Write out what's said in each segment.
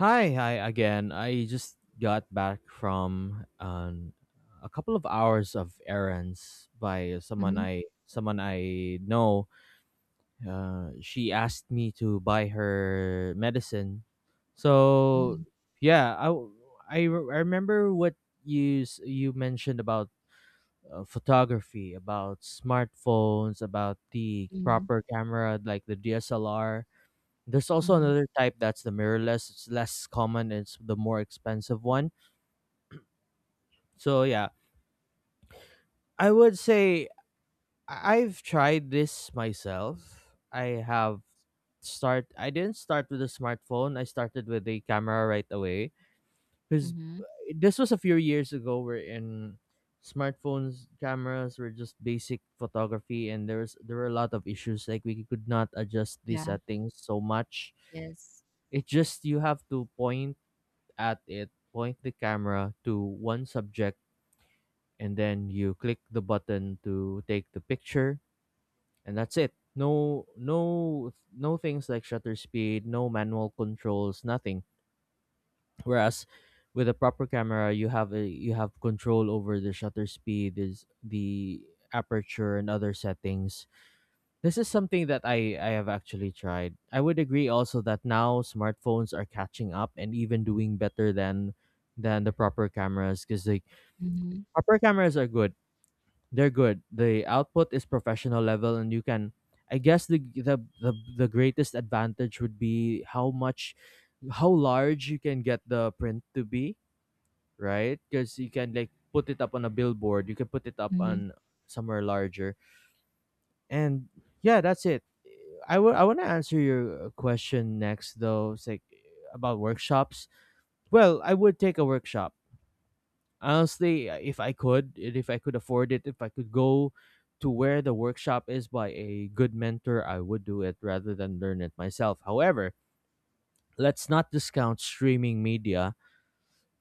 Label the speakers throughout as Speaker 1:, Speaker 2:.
Speaker 1: Hi, hi again. I just got back from a couple of hours of errands by
Speaker 2: Mhm,
Speaker 1: someone I know. She asked me to buy her medicine. So
Speaker 2: mhm,
Speaker 1: yeah, I w- I re- I remember what you mentioned about photography, about smartphones, about the
Speaker 2: mhm,
Speaker 1: proper camera like the DSLR. There's also
Speaker 2: mhm,
Speaker 1: another type, that's the mirrorless. It's less common. It's the more expensive one. So yeah, I would say I've tried this myself. I have start. I didn't start with a smartphone. I started with a camera right away because
Speaker 2: mhm.
Speaker 1: this was a few years ago. Where in smartphones, cameras were just basic photography, and there were a lot of issues. Like, we could not adjust the
Speaker 2: Yeah.
Speaker 1: settings so much.
Speaker 2: Yes.
Speaker 1: It just, you have to point at it, point the camera to one subject, and then you click the button to take the picture, and that's it. No, no, no things like shutter speed, no manual controls, nothing. Whereas with a proper camera, you have a, you have control over the shutter speed, is the aperture and other settings. This is something that I have actually tried. I would agree also that now smartphones are catching up and even doing better than the proper cameras, because the
Speaker 2: Mhm,
Speaker 1: proper cameras are good. They're good. The output is professional level, and you can, I guess the greatest advantage would be how much, how large you can get the print to be, right? Because you can like put it up on a billboard, you can put it up
Speaker 2: mhm.
Speaker 1: on somewhere larger. And yeah, that's it. I will. I want to answer your question next, though. It's like about workshops. Well, I would take a workshop honestly, if I could, and if I could afford it, if I could go to where the workshop is by a good mentor, I would do it rather than learn it myself. However, let's not discount streaming media,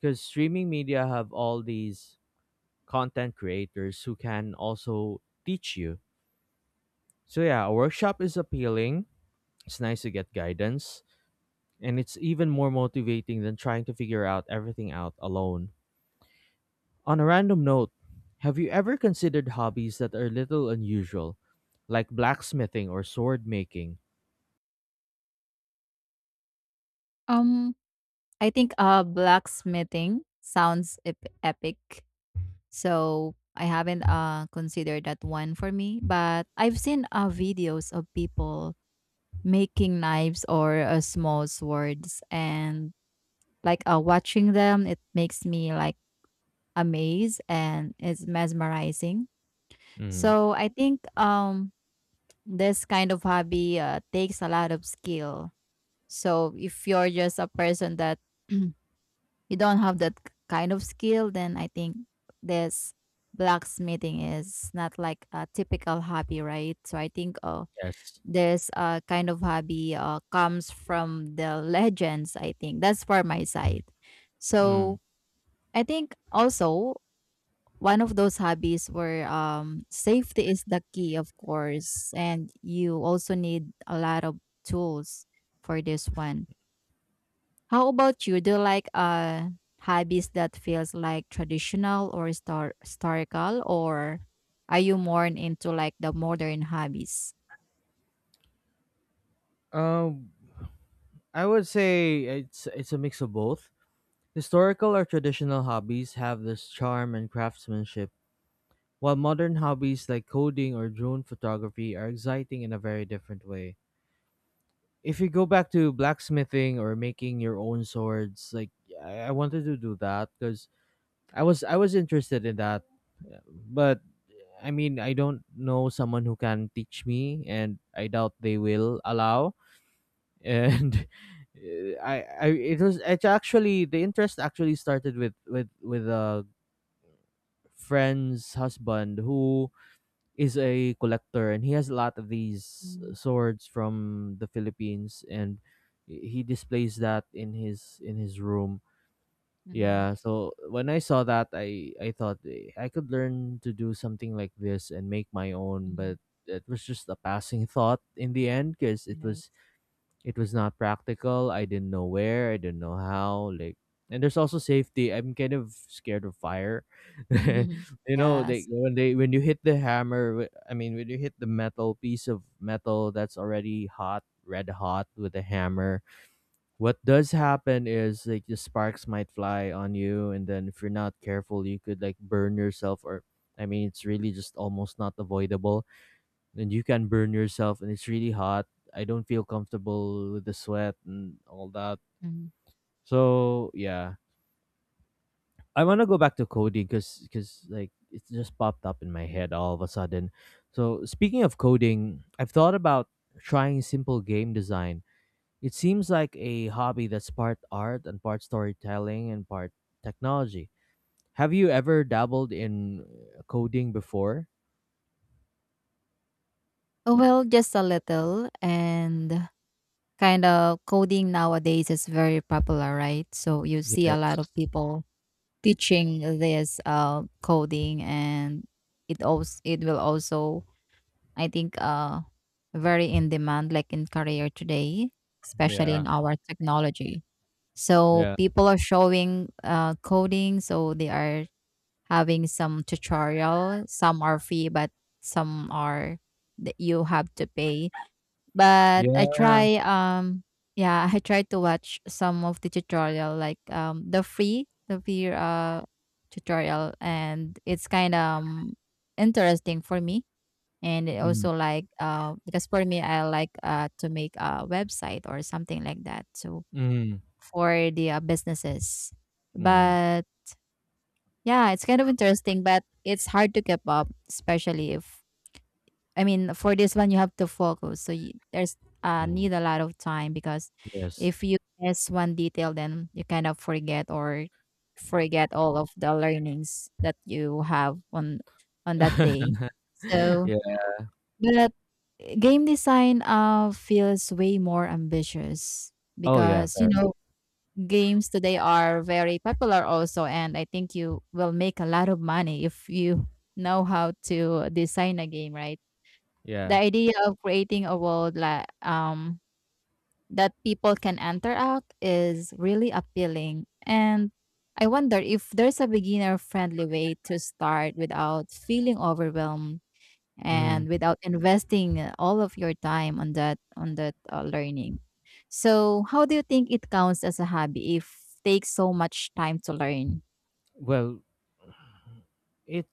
Speaker 1: because streaming media have all these content creators who can also teach you. So yeah, a workshop is appealing. It's nice to get guidance, and it's even more motivating than trying to figure out everything out alone. On a random note, have you ever considered hobbies that are a little unusual, like blacksmithing or sword making?
Speaker 2: Um, I think, blacksmithing sounds ep epic. So, I haven't, considered that one for me, but I've seen, videos of people making knives or, small swords, and, watching them, it makes me, like, amazed and it's mesmerizing.
Speaker 1: Mm.
Speaker 2: So, I think, this kind of hobby takes a lot of skill. So if you're just a person that you don't have that kind of skill, then I think this blacksmithing is not like a typical hobby, right? So I think
Speaker 1: Yes.
Speaker 2: this kind of hobby comes from the legends. I think that's for my side.
Speaker 1: Mm.
Speaker 2: So I think also one of those hobbies where safety is the key, of course, and you also need a lot of tools for this one. How about you? Do you like hobbies that feels like traditional or historical, or are you more into like the modern hobbies?
Speaker 1: Um, I would say it's a mix of both. Historical or traditional hobbies have this charm and craftsmanship, while modern hobbies like coding or drone photography are exciting in a very different way. If you go back to blacksmithing or making your own swords, like, I wanted to do that because I was interested in that. Yeah, but I mean, I don't know someone who can teach me, and I doubt they will allow. And eh, I it was, it actually, the interest actually started with a friend's husband who is a collector, and he has a lot of these
Speaker 2: mm-hmm,
Speaker 1: swords from the Philippines, and he displays that in his room.
Speaker 2: mm-hmm,
Speaker 1: Yeah, so when I saw that, I thought, "Eh, I could learn to do something like this and make my own," but it was just a passing thought in the end, because
Speaker 2: yes,
Speaker 1: it was not practical. I didn't know where. I didn't know how. Like, and there's also safety. I'm kind of scared of fire. You know,
Speaker 2: yes.
Speaker 1: they when you hit the hammer. I mean, when you hit the metal, piece of metal that's already hot, red hot, with a hammer. What does happen is like the sparks might fly on you, and then if you're not careful, you could like burn yourself. Or, I mean, it's really just almost not avoidable, and you can burn yourself, and it's really hot. I don't feel comfortable with the sweat and all that.
Speaker 2: Mhm.
Speaker 1: So yeah, I want to go back to coding, because, it just popped up in my head all of a sudden. So speaking of coding, I've thought about trying simple game design. It seems like a hobby that's part art and part storytelling and part technology. Have you ever dabbled in coding before?
Speaker 2: Oh, well, just a little. And kind of coding nowadays is very popular, right? So you see a
Speaker 1: Yes.
Speaker 2: lot of people teaching this coding, and it will also I think very in demand, like in career today, especially in
Speaker 1: Yeah.
Speaker 2: our technology. So
Speaker 1: Yeah.
Speaker 2: people are showing coding, so they are having some tutorial. Some are free, but some are that you have to pay. But I
Speaker 1: Yeah.
Speaker 2: try yeah, I try to watch some of the tutorial like the free tutorial, and it's kind of interesting for me. And it
Speaker 1: Mm.
Speaker 2: also like because for me I like to make a website or something like that, so
Speaker 1: Mm.
Speaker 2: for the businesses.
Speaker 1: Mm.
Speaker 2: But yeah, it's kind of interesting, but it's hard to keep up, especially if I mean, for this one, you have to focus. So you, there's
Speaker 1: Mm,
Speaker 2: need a lot of time, because
Speaker 1: yes.
Speaker 2: if you miss one detail, then you kind of forget or forget all of the learnings that you have on that day. So,
Speaker 1: Yeah.
Speaker 2: but game design feels way more ambitious
Speaker 1: Oh, yeah,
Speaker 2: because, you
Speaker 1: very.
Speaker 2: know, games today are very popular also, and I think you will make a lot of money if you know how to design a game, right? The
Speaker 1: Yeah.
Speaker 2: idea of creating a world like that people can enter out is really appealing. And I wonder if there's a beginner friendly way to start without feeling overwhelmed
Speaker 1: Mm.
Speaker 2: and without investing all of your time on that learning. So, how do you think it counts as a hobby if takes so much time to learn?
Speaker 1: Well, it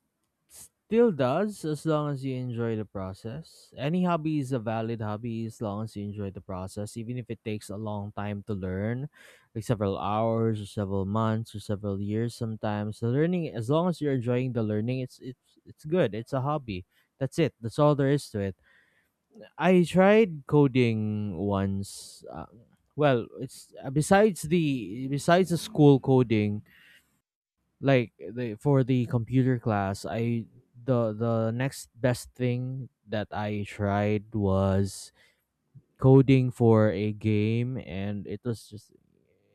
Speaker 1: still does, as long as you enjoy the process. Any hobby is a valid hobby as long as you enjoy the process, even if it takes a long time to learn, like several hours or several months or several years sometimes. The learning, as long as you're enjoying the learning, it's good. It's a hobby. That's it. That's all there is to it. I tried coding once. Well, it's besides the, school coding, like the, for the computer class, I the next best thing that I tried was coding for a game, and it was just,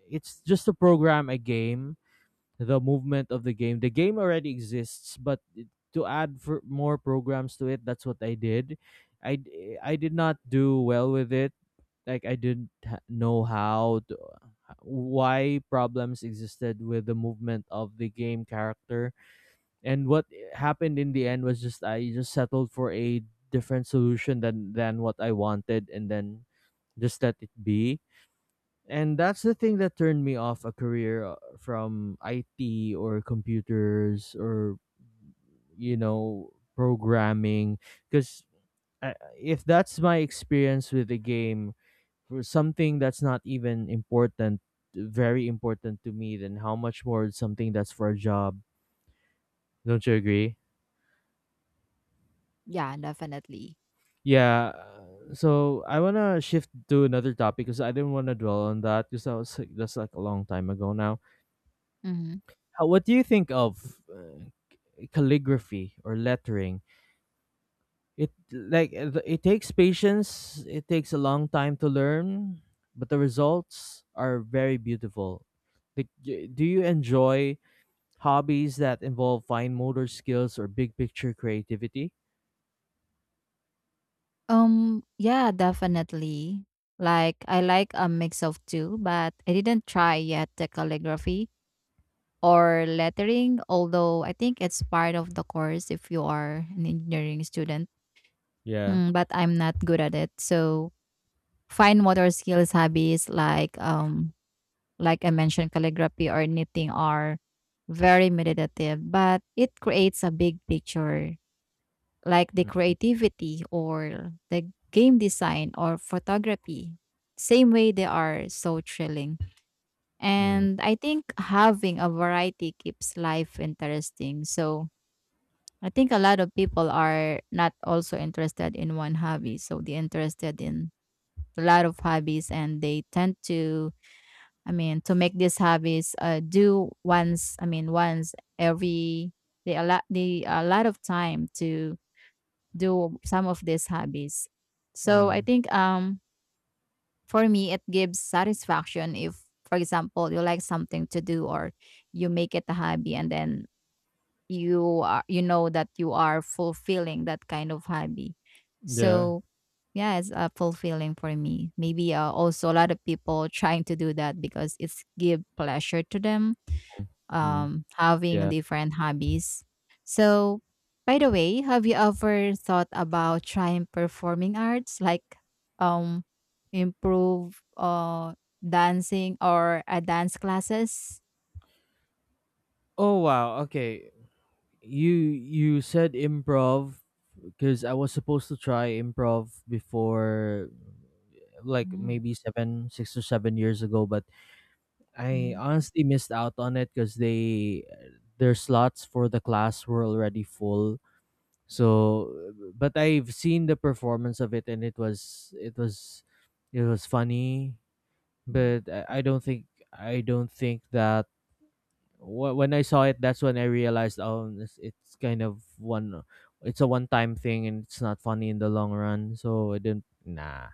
Speaker 1: it's just to program a game, the movement of the game. The game already exists, but to add for more programs to it, that's what I did. I did not do well with it. Like, I didn't know how to, why problems existed with the movement of the game character, and what happened in the end was just, I just settled for a different solution than what I wanted, and then just let it be. And that's the thing that turned me off a career from IT or computers or, you know, programming, because if that's my experience with the game, for something that's not even important, very important to me, then how much more something that's for a job? Don't you agree?
Speaker 2: Yeah, definitely.
Speaker 1: Yeah. So I want to shift to another topic, because I didn't want to dwell on that, because that was that's like a long time ago now.
Speaker 2: Mhm.
Speaker 1: How, what do you think of calligraphy or lettering? It, like, it takes patience, it takes a long time to learn, but the results are very beautiful. Like, do you enjoy hobbies that involve fine motor skills or big picture creativity?
Speaker 2: Yeah, definitely. Like I like a mix of two, but I didn't try yet the calligraphy or lettering, although I think it's part of the course if you are an engineering student.
Speaker 1: Yeah.
Speaker 2: Mm, but I'm not good at it. So fine motor skills hobbies like I mentioned, calligraphy or knitting are very meditative, but it creates a big picture like the creativity or the game design or photography. Same way, they are so thrilling.
Speaker 1: Mm.
Speaker 2: And I think having a variety keeps life interesting. So I think a lot of people are not also interested in one hobby. So they're interested in a lot of hobbies, and they tend to, I mean, to make these hobbies do once, I mean, once every, they a lot of time to do some of these hobbies. So I
Speaker 1: Mm.
Speaker 2: think for me it gives satisfaction if, for example, you like something to do or you make it a hobby and then you are you know that you are fulfilling that kind of hobby.
Speaker 1: Yeah.
Speaker 2: So yeah, it's fulfilling for me. Maybe also a lot of people trying to do that because it's give pleasure to them
Speaker 1: Mm.
Speaker 2: having
Speaker 1: Yeah.
Speaker 2: different hobbies. So, by the way, have you ever thought about trying performing arts like um, improve dancing or a dance classes?
Speaker 1: Oh wow, okay. You said improv, because I was supposed to try improv before, like
Speaker 2: Mm,
Speaker 1: maybe 7 6 or 7 years ago, but I
Speaker 2: mhm,
Speaker 1: honestly missed out on it, cuz they, their slots for the class were already full. So, but I've seen the performance of it, and it was funny,
Speaker 2: mhm,
Speaker 1: but I don't think, I don't think that wh- when I saw it, that's when I realized, oh, it's kind of one, it's a one-time thing, and it's not funny in the long run. So I didn't. Nah,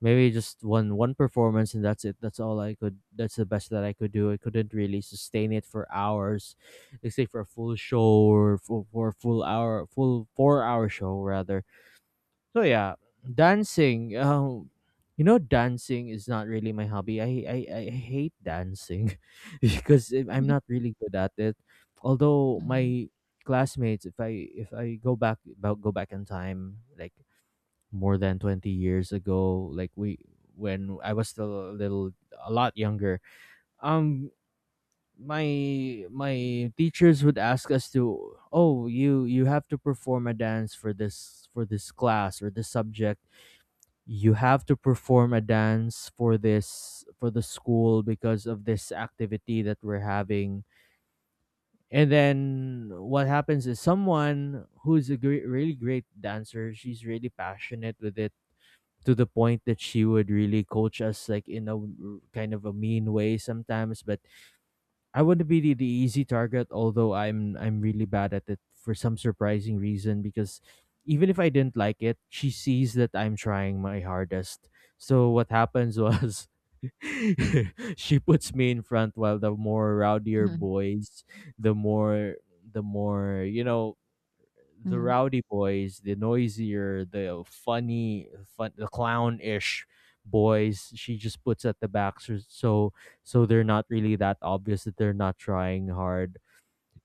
Speaker 1: maybe just one performance, and that's it. That's all I could. That's the best that I could do. I couldn't really sustain it for hours, let's say for a full show or for a full hour, full four-hour show rather. So yeah, dancing. You know, dancing is not really my hobby. I hate dancing, because I'm not really good at it. Although
Speaker 2: mhm,
Speaker 1: my classmates, if I, go back in time, like more than 20 years ago, like we, when I was still a little a lot younger, um, my teachers would ask us to, oh, you have to perform a dance for this, for this class or this subject, you have to perform a dance for this, for the school, because of this activity that we're having. And then what happens is someone who's a great, really great dancer, she's really passionate with it, to the point that she would really coach us like in a kind of a mean way sometimes, but I want to be the easy target, although I'm really bad at it for some surprising reason, because even if I didn't like it, she sees that I'm trying my hardest. So what happens was, she puts me in front, while the more rowdier
Speaker 2: mhm,
Speaker 1: boys, the more you know, the
Speaker 2: mhm,
Speaker 1: rowdy boys, the noisier, the funny, fun, the clown-ish boys, she just puts at the back, so, so they're not really that obvious that they're not trying hard.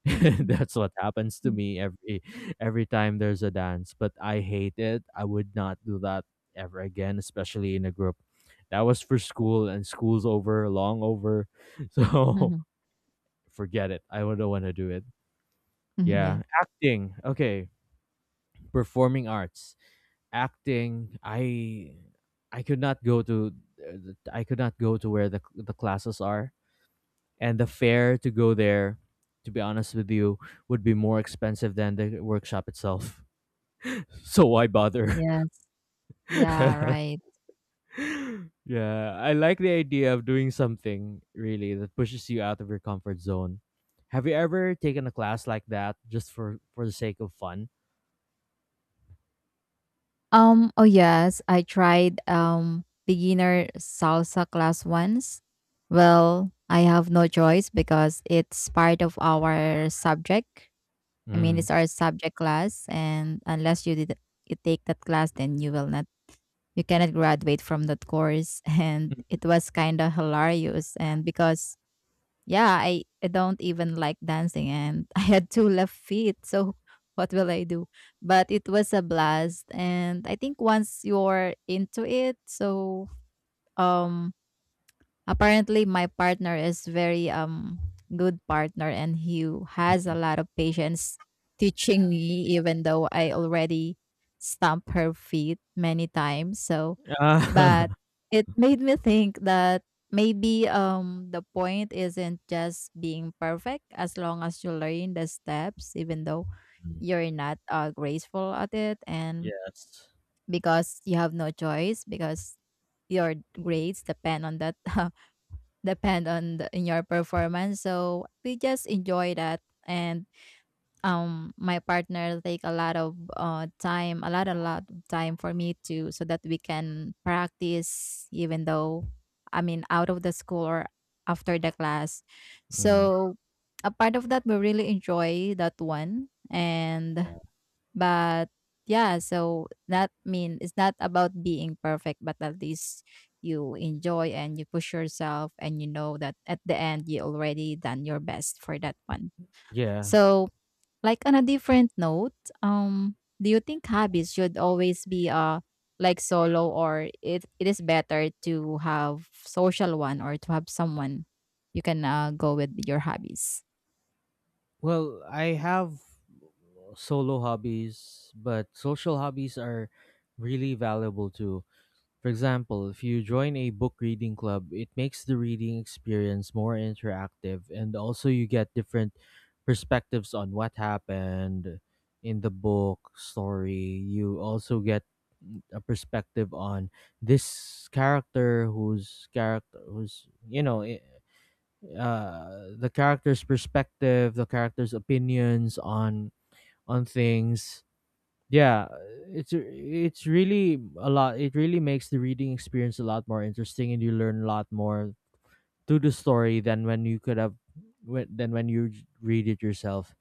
Speaker 2: mhm,
Speaker 1: That's what happens to
Speaker 2: mhm, mhm,
Speaker 1: me every time there's a dance, but I hate it. I would not do that ever again, especially in a group. That was for school, and school's over, long over, so
Speaker 2: mhm,
Speaker 1: forget it. I do not want to do it.
Speaker 2: mhm,
Speaker 1: Yeah,
Speaker 2: Yes.
Speaker 1: acting. Okay, performing arts, acting, I could not go to I could not go to where the classes are, and the fare to go there, to be honest with you, would be more expensive than the workshop itself. So why bother?
Speaker 2: Yes. Yeah, right.
Speaker 1: Yeah, I like the idea of doing something really that pushes you out of your comfort zone. Have you ever taken a class like that just for the sake of fun?
Speaker 2: Oh yes, I tried beginner salsa class once. Well, I have no choice because it's part of our subject. I mean,
Speaker 1: Mm.
Speaker 2: it's our subject class, and unless you did you take that class, then you will not you cannot graduate from that course. And it was kind of hilarious, and because yeah, I don't even like dancing, and I had two left feet. So what will I do? But it was a blast, and I think once you're into it, so um apparently, my partner is very good partner, and he has a lot of patience teaching me, even though I already stomp her feet many times. So, but
Speaker 1: Ah,
Speaker 2: it made me think that maybe the point isn't just being perfect, as long as you learn the steps, even though you're not graceful at it, and
Speaker 1: yes.
Speaker 2: because you have no choice because your grades depend on that depend on the, in your performance. So we just enjoy that. And my partner take a lot of time, a lot of time for me to, so that we can practice, even though, I mean, out of the school or after the class.
Speaker 1: Mm.
Speaker 2: So a part of that, we really enjoy that one. And but yeah, so that mean it's not about being perfect, but at least you enjoy and you push yourself and you know that at the end you already done your best for that one.
Speaker 1: Yeah.
Speaker 2: So like on a different note, do you think hobbies should always be like solo, or it is better to have social one or to have someone you can go with your hobbies?
Speaker 1: Well, I have solo hobbies, but social hobbies are really valuable too. For example, if you join a book reading club, it makes the reading experience more interactive, and also you get different perspectives on what happened in the book story. You also get a perspective on this character, whose character who's you know I- the character's perspective, the character's opinions on things. Yeah, it's really a lot. It really makes the reading experience a lot more interesting, and you learn a lot more through the story than when you could have, than when you read it yourself,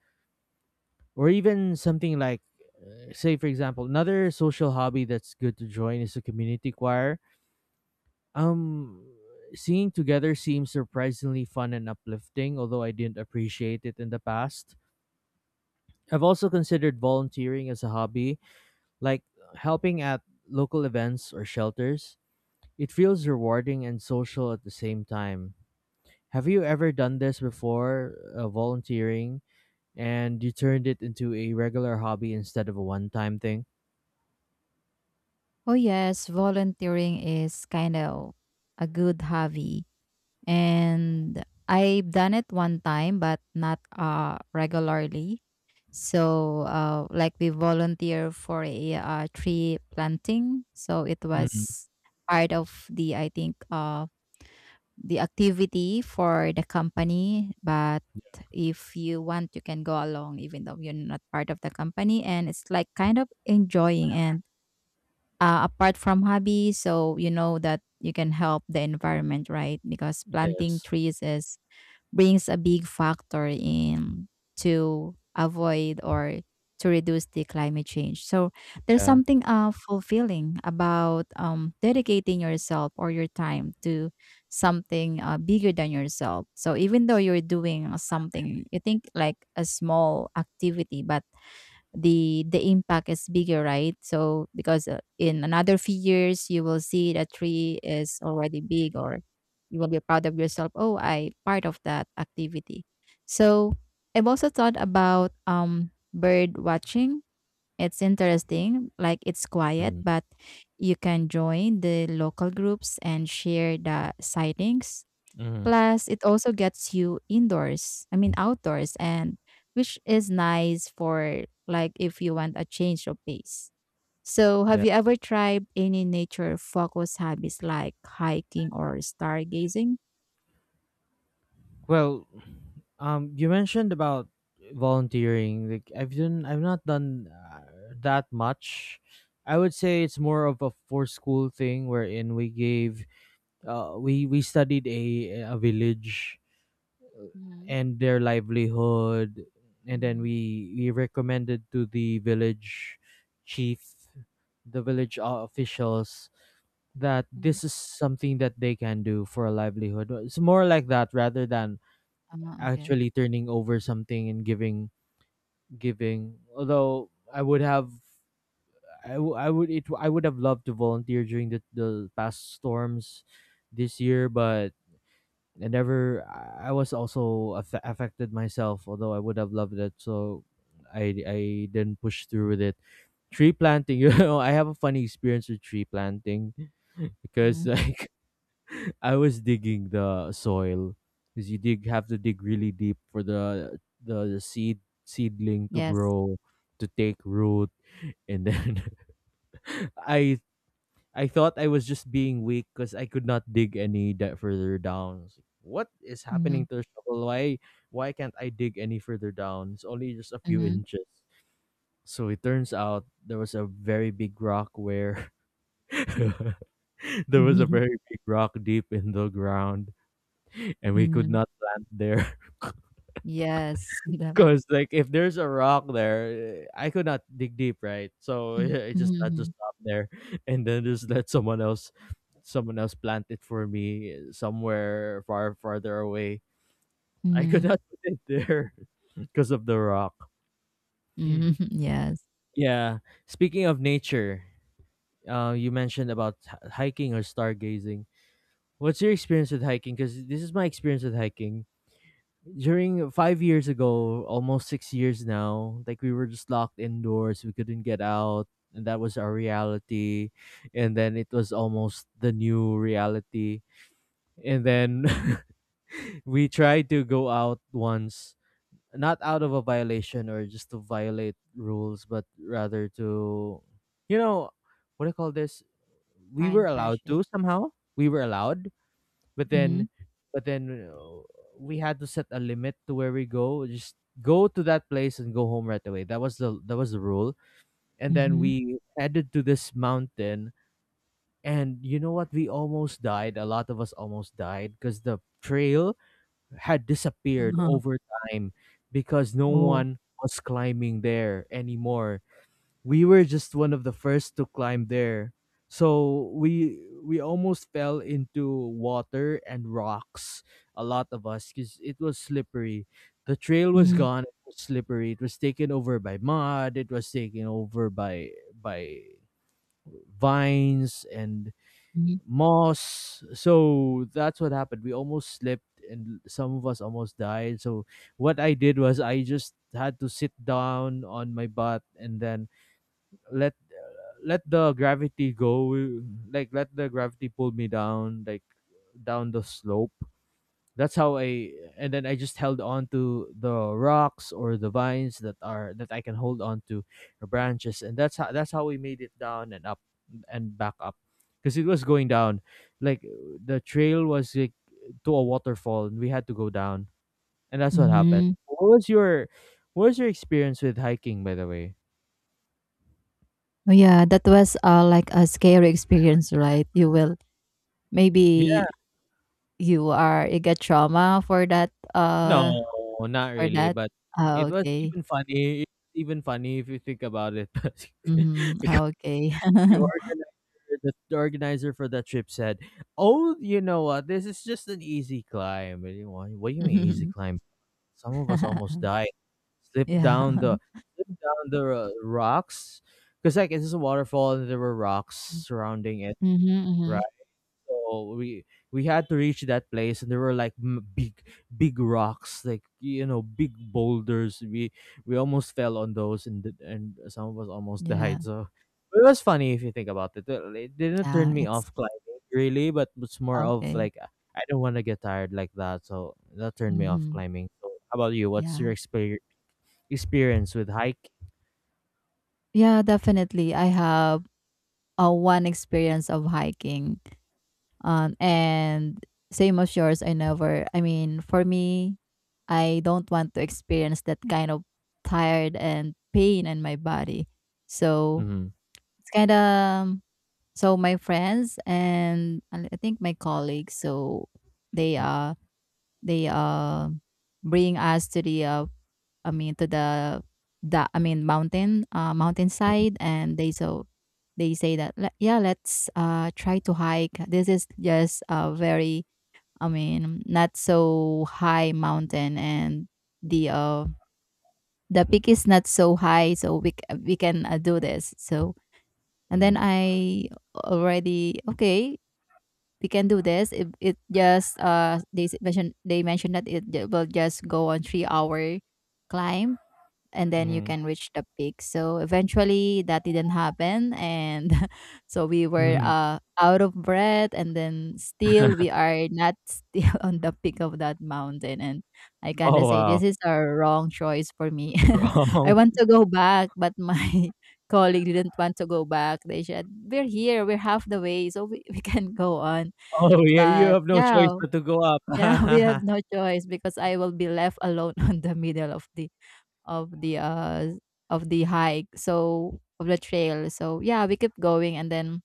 Speaker 1: or even something like. Say, for example, another social hobby that's good to join is a community choir. Um, Singing together seems surprisingly fun and uplifting, although I didn't appreciate it in the past. I've also considered volunteering as a hobby, like helping at local events or shelters. It feels rewarding and social at the same time. Have you ever done this before, volunteering, and you turned it into a regular hobby instead of a one time thing?
Speaker 2: Oh yes, volunteering is kind of a good hobby, and I've done it one time, but not regularly. So, like we volunteer for a tree planting, so it
Speaker 1: Mm,
Speaker 2: was part of the I think the activity for the company. But if you want, you can go along, even though you're not part of the company, and it's like kind of enjoying and apart from hobby, so you know that you can help the environment, right? Because planting
Speaker 1: yes.
Speaker 2: trees is brings a big factor in to avoid or to reduce the climate change. So there's
Speaker 1: Yeah.
Speaker 2: something fulfilling about dedicating yourself or your time to something bigger than yourself. So even though you're doing something, you think like a small activity, but the impact is bigger, right? So because in another few years you will see that tree is already big, or you will be proud of yourself. Oh, I part of that activity. So I've also thought about bird watching. It's interesting, like it's quiet,
Speaker 1: Mm,
Speaker 2: but you can join the local groups and share the sightings.
Speaker 1: mhm.
Speaker 2: Plus, it also gets you indoors, I mean outdoors, and which is nice for like if you want a change of pace. So, have
Speaker 1: Yeah.
Speaker 2: you ever tried any nature focused hobbies like hiking or stargazing?
Speaker 1: Well, you mentioned about volunteering. Like, I've not done that much. I would say it's more of a for school thing, wherein we gave, we studied a village
Speaker 2: Mm-hmm.
Speaker 1: and their livelihood, and then we recommended to the village chief, the village officials, that
Speaker 2: Mm-hmm.
Speaker 1: this is something that they can do for a livelihood. It's more like that rather than
Speaker 2: Ah, okay.
Speaker 1: actually turning over something and giving. Although I would have, I, w- I would it I would have loved to volunteer during the past storms this year, but I never. I was also affected myself. Although I would have loved it, so I didn't push through with it. Tree planting, I have a funny experience with tree planting, because
Speaker 2: Mm-hmm.
Speaker 1: like, I was digging the soil, because you dig have to dig really deep for the seedling to
Speaker 2: Yes.
Speaker 1: grow, to take root, and then I I thought I was just being weak because I could not dig any that further down. I like, what is happening
Speaker 2: Mm-hmm.
Speaker 1: to the shovel? Why can't I dig any further down? It's only just a few
Speaker 2: Mm-hmm.
Speaker 1: inches. So it turns out, there was a very big rock where there was a very big rock deep in the ground, and we could
Speaker 2: Mm-hmm.
Speaker 1: not plant there.
Speaker 2: Yes. Yeah.
Speaker 1: Because like, if there's a rock there, I could not dig deep, right? So
Speaker 2: Mm-hmm.
Speaker 1: yeah, I just I
Speaker 2: Mm-hmm.
Speaker 1: just stop there, and then just let someone else plant it for me, somewhere farther away. I could not put it there because of the rock.
Speaker 2: Mm-hmm. Yes.
Speaker 1: Yeah. Speaking of nature, you mentioned about hiking or stargazing. What's your experience with hiking? Because this is my experience with hiking. During 5 years ago, almost 6 years now, like, we were just locked indoors. We couldn't get out. And that was our reality. And then it was almost the new reality. And then we tried to go out once, not out of a violation or just to violate rules, but rather to, you know, what do you call this? We were
Speaker 2: Fine,
Speaker 1: allowed
Speaker 2: fresh air.
Speaker 1: to somehow. We were allowed, but
Speaker 2: Mm-hmm.
Speaker 1: then but then uh, we had to set a limit to where we go, just go to that place and go home right away. That was the rule. And then
Speaker 2: Mm-hmm.
Speaker 1: we headed to this mountain. And you know what, we almost died a lot of us almost died, because the trail had disappeared
Speaker 2: Uh-huh.
Speaker 1: over time. Because no
Speaker 2: Oh.
Speaker 1: one was climbing there anymore, we were just one of the first to climb there. So we almost fell into water and rocks, a lot of us, because it was slippery. The trail was
Speaker 2: Mm-hmm.
Speaker 1: gone, it was slippery. It was taken over by mud, it was taken over by vines and moss. So that's what happened. We almost slipped and some of us almost died. So what I did was, I just had to sit down on my butt, and then let let the gravity go, like, let the gravity pull me down, like down the slope. That's how I And then I just held on to the rocks or the vines, that I can hold on to, the branches, and that's how we made it down and up, and back up, because it was going down, like, the trail was like, to a waterfall, and we had to go down. And that's what happened.
Speaker 2: Mhm.
Speaker 1: What was your experience with hiking, by the way?
Speaker 2: Oh, yeah, that was like a scary experience, right? You will maybe you are you get trauma for that
Speaker 1: No,
Speaker 2: uh
Speaker 1: not
Speaker 2: for
Speaker 1: really,
Speaker 2: that.
Speaker 1: but
Speaker 2: Ah, okay.
Speaker 1: it's even funny if you think about it, but,
Speaker 2: Mm-hmm.
Speaker 1: because
Speaker 2: Ah, okay.
Speaker 1: the organizer the organizer for that trip said, "Oh, you know what? This is just an easy climb." And you wa "What do you mean, easy
Speaker 2: Mhm.
Speaker 1: climb? Some of us almost died. Slipped down
Speaker 2: Yeah.
Speaker 1: the slipped Cause, like, it's just a waterfall and there were rocks surrounding it,
Speaker 2: Mm-hmm.
Speaker 1: right? So we had to reach that place, and there were like, big rocks, like, big boulders. We almost fell on those, and and some of us almost
Speaker 2: Yeah.
Speaker 1: died. So it was funny if you think about it. It didn't
Speaker 2: Yeah.
Speaker 1: turn me
Speaker 2: It's
Speaker 1: off climbing really, but it's more of
Speaker 2: okay.
Speaker 1: like, I don't want to get tired like that, so that turned me off
Speaker 2: Mm-hmm.
Speaker 1: climbing. So how about you? What's
Speaker 2: Yeah.
Speaker 1: your experience with hike?
Speaker 2: Yeah, definitely, I have one experience of hiking. And same as yours, I never, I mean, for me, I don't want to experience that kind of tired and pain in my body. So
Speaker 1: Mm-hmm.
Speaker 2: it's kind of, so my friends and I think my colleagues, so they, they, uh, bring us to the, I mean, to the, I mean, mountain, mountainside. And they, so they say that, Yeah, let's, try to hike. This is just a very, I mean, not so high mountain, and the uh the peak is not so high, so we can do this. So and then
Speaker 1: Mm-hmm.
Speaker 2: I already okay, we can do this. It just mentioned they mentioned that will just go on 3-hour climb, and then you can reach the peak. So eventually that didn't happen, and so we were
Speaker 1: Mm-hmm.
Speaker 2: out of breath, and then still we are not still on the peak of that mountain, and I kind of
Speaker 1: Oh,
Speaker 2: say
Speaker 1: wow.
Speaker 2: this is a wrong choice for me. I
Speaker 1: Wrong.
Speaker 2: want to go back, but my colleague didn't want to go back. They said we're here, we're half the way, so we, we can go on.
Speaker 1: Oh, yeah, you
Speaker 2: But
Speaker 1: have no choice
Speaker 2: yeah,
Speaker 1: but to go up.
Speaker 2: yeah, we have no choice because I will be left alone on the middle of the of the uh of the hike so of the trail. So yeah, we kept going, and then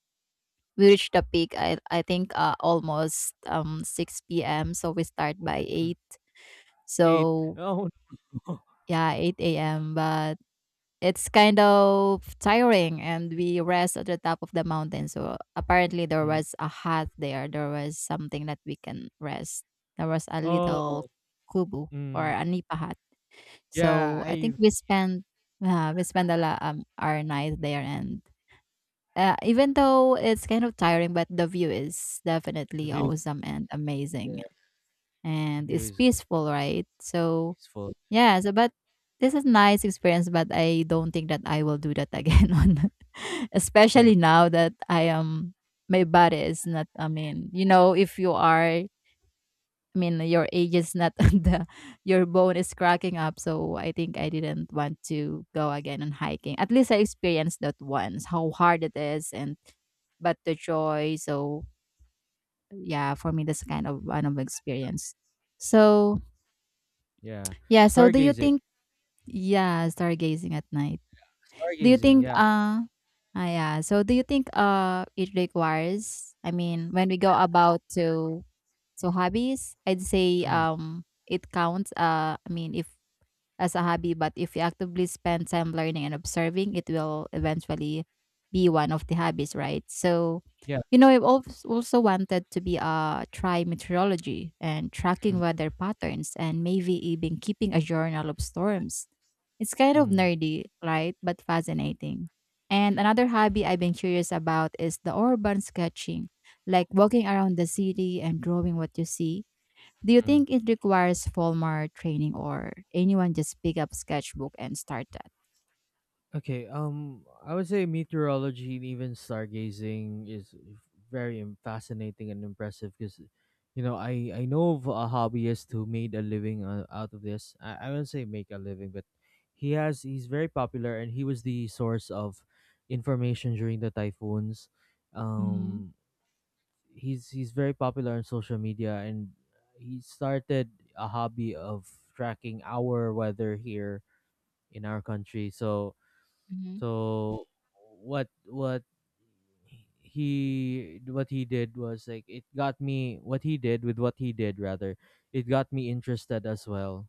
Speaker 2: we reached the peak. I think almost 6 p.m, so we start by 8.
Speaker 1: 8.
Speaker 2: So
Speaker 1: Oh, no.
Speaker 2: yeah, 8 a.m, but it's kind of tiring, and we rest at the top of the mountain. So apparently there
Speaker 1: Mm.
Speaker 2: was a hut there, there was something that we can rest, there was a little
Speaker 1: Oh.
Speaker 2: kubu or
Speaker 1: Mm.
Speaker 2: a nipa hut.
Speaker 1: Yeah,
Speaker 2: So I think
Speaker 1: I
Speaker 2: we spend a lot our night there, and even though it's kind of tiring, but the view is
Speaker 1: the
Speaker 2: definitely
Speaker 1: view is
Speaker 2: awesome and amazing, and
Speaker 1: view
Speaker 2: it's
Speaker 1: is
Speaker 2: peaceful, right? So
Speaker 1: peaceful.
Speaker 2: yeah, so but this is nice experience, but I don't think that I will do that again on, especially now that I am my body is not. I mean, you know, if you are I mean, your age is not the your bone is cracking up, so I think I didn't want to go again on hiking. At least I experienced that once, how hard it is, and but the joy. So yeah, for me, that's kind of one of experience. So
Speaker 1: Yeah.
Speaker 2: yeah, so do you
Speaker 1: Stargazing.
Speaker 2: think yeah, stargazing at night? Do you
Speaker 1: Stargazing,
Speaker 2: think
Speaker 1: yeah.
Speaker 2: ah, yeah. So do you think it requires I mean when we go about to so hobbies, I'd say
Speaker 1: Mm.
Speaker 2: it counts I mean if as a hobby, but if you actively spend time learning and observing, it will eventually be one of the hobbies, right? So,
Speaker 1: Yeah.
Speaker 2: you know, I've also wanted to be a try meteorology and tracking
Speaker 1: Mm.
Speaker 2: weather patterns and maybe even keeping a journal of storms. It's kind of
Speaker 1: Mm.
Speaker 2: nerdy, right? But fascinating. And another hobby I've been curious about is the urban sketching, like walking around the city and drawing what you see. Do you
Speaker 1: Mm.
Speaker 2: think it requires formal training, or anyone just pick up sketchbook and start that?
Speaker 1: Okay, I would say meteorology and even stargazing is very fascinating and impressive, because, I know of a hobbyist who made a living out of this. I wouldn't say make a living, but he's very popular, and he was the source of information during the typhoons.
Speaker 2: Mm-hmm.
Speaker 1: Um, he's very popular on social media, and he started a hobby of tracking our weather here in our country. So
Speaker 2: Mm-hmm.
Speaker 1: so what what what he did was, like, it got me, what he did with what he did, rather, it got me interested as well.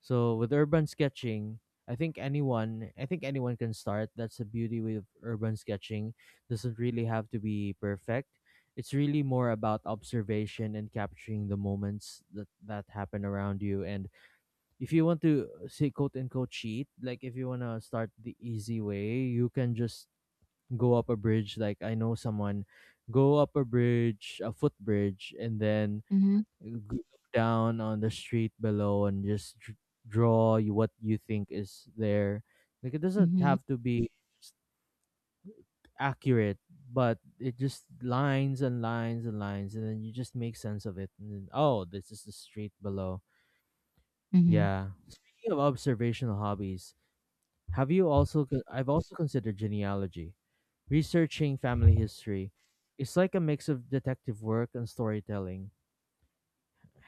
Speaker 1: So with urban sketching, I think anyone can start. That's the beauty with urban sketching. Doesn't really have to be perfect. It's really more about observation and capturing the moments that happen around you. And if you want to, say, quote unquote, cheat, like if you wanna start the easy way, you can just go up a bridge. Like, I know someone, go up a bridge, a footbridge, and then,
Speaker 2: Mm-hmm.
Speaker 1: uh, g- down on the street below, and just draw you what you think is there. Like, it doesn't have to be accurate, but it just lines and lines and lines, and then you just make sense of it. And then, oh, this is the street below.
Speaker 2: Mm-hmm.
Speaker 1: Yeah. Speaking of observational hobbies, Have you also? Con- I've also considered genealogy. Researching family history. It's like a mix of detective work and storytelling.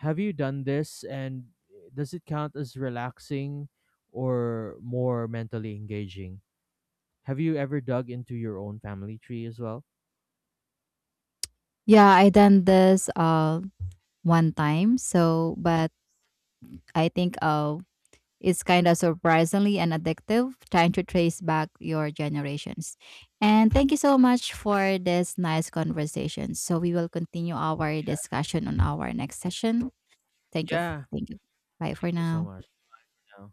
Speaker 1: Have you done this, and does it count as relaxing or more mentally engaging? Have you ever dug into your own family tree as well?
Speaker 2: Yeah, I done this one time. So, but I think is kind of surprisingly and addictive, trying to trace back your generations. And thank you so much for this nice conversation. So we will continue our discussion on our next session. Thank you.
Speaker 1: Yeah.
Speaker 2: Thank you. Bye for
Speaker 1: Thank you so
Speaker 2: now.
Speaker 1: much. Yeah.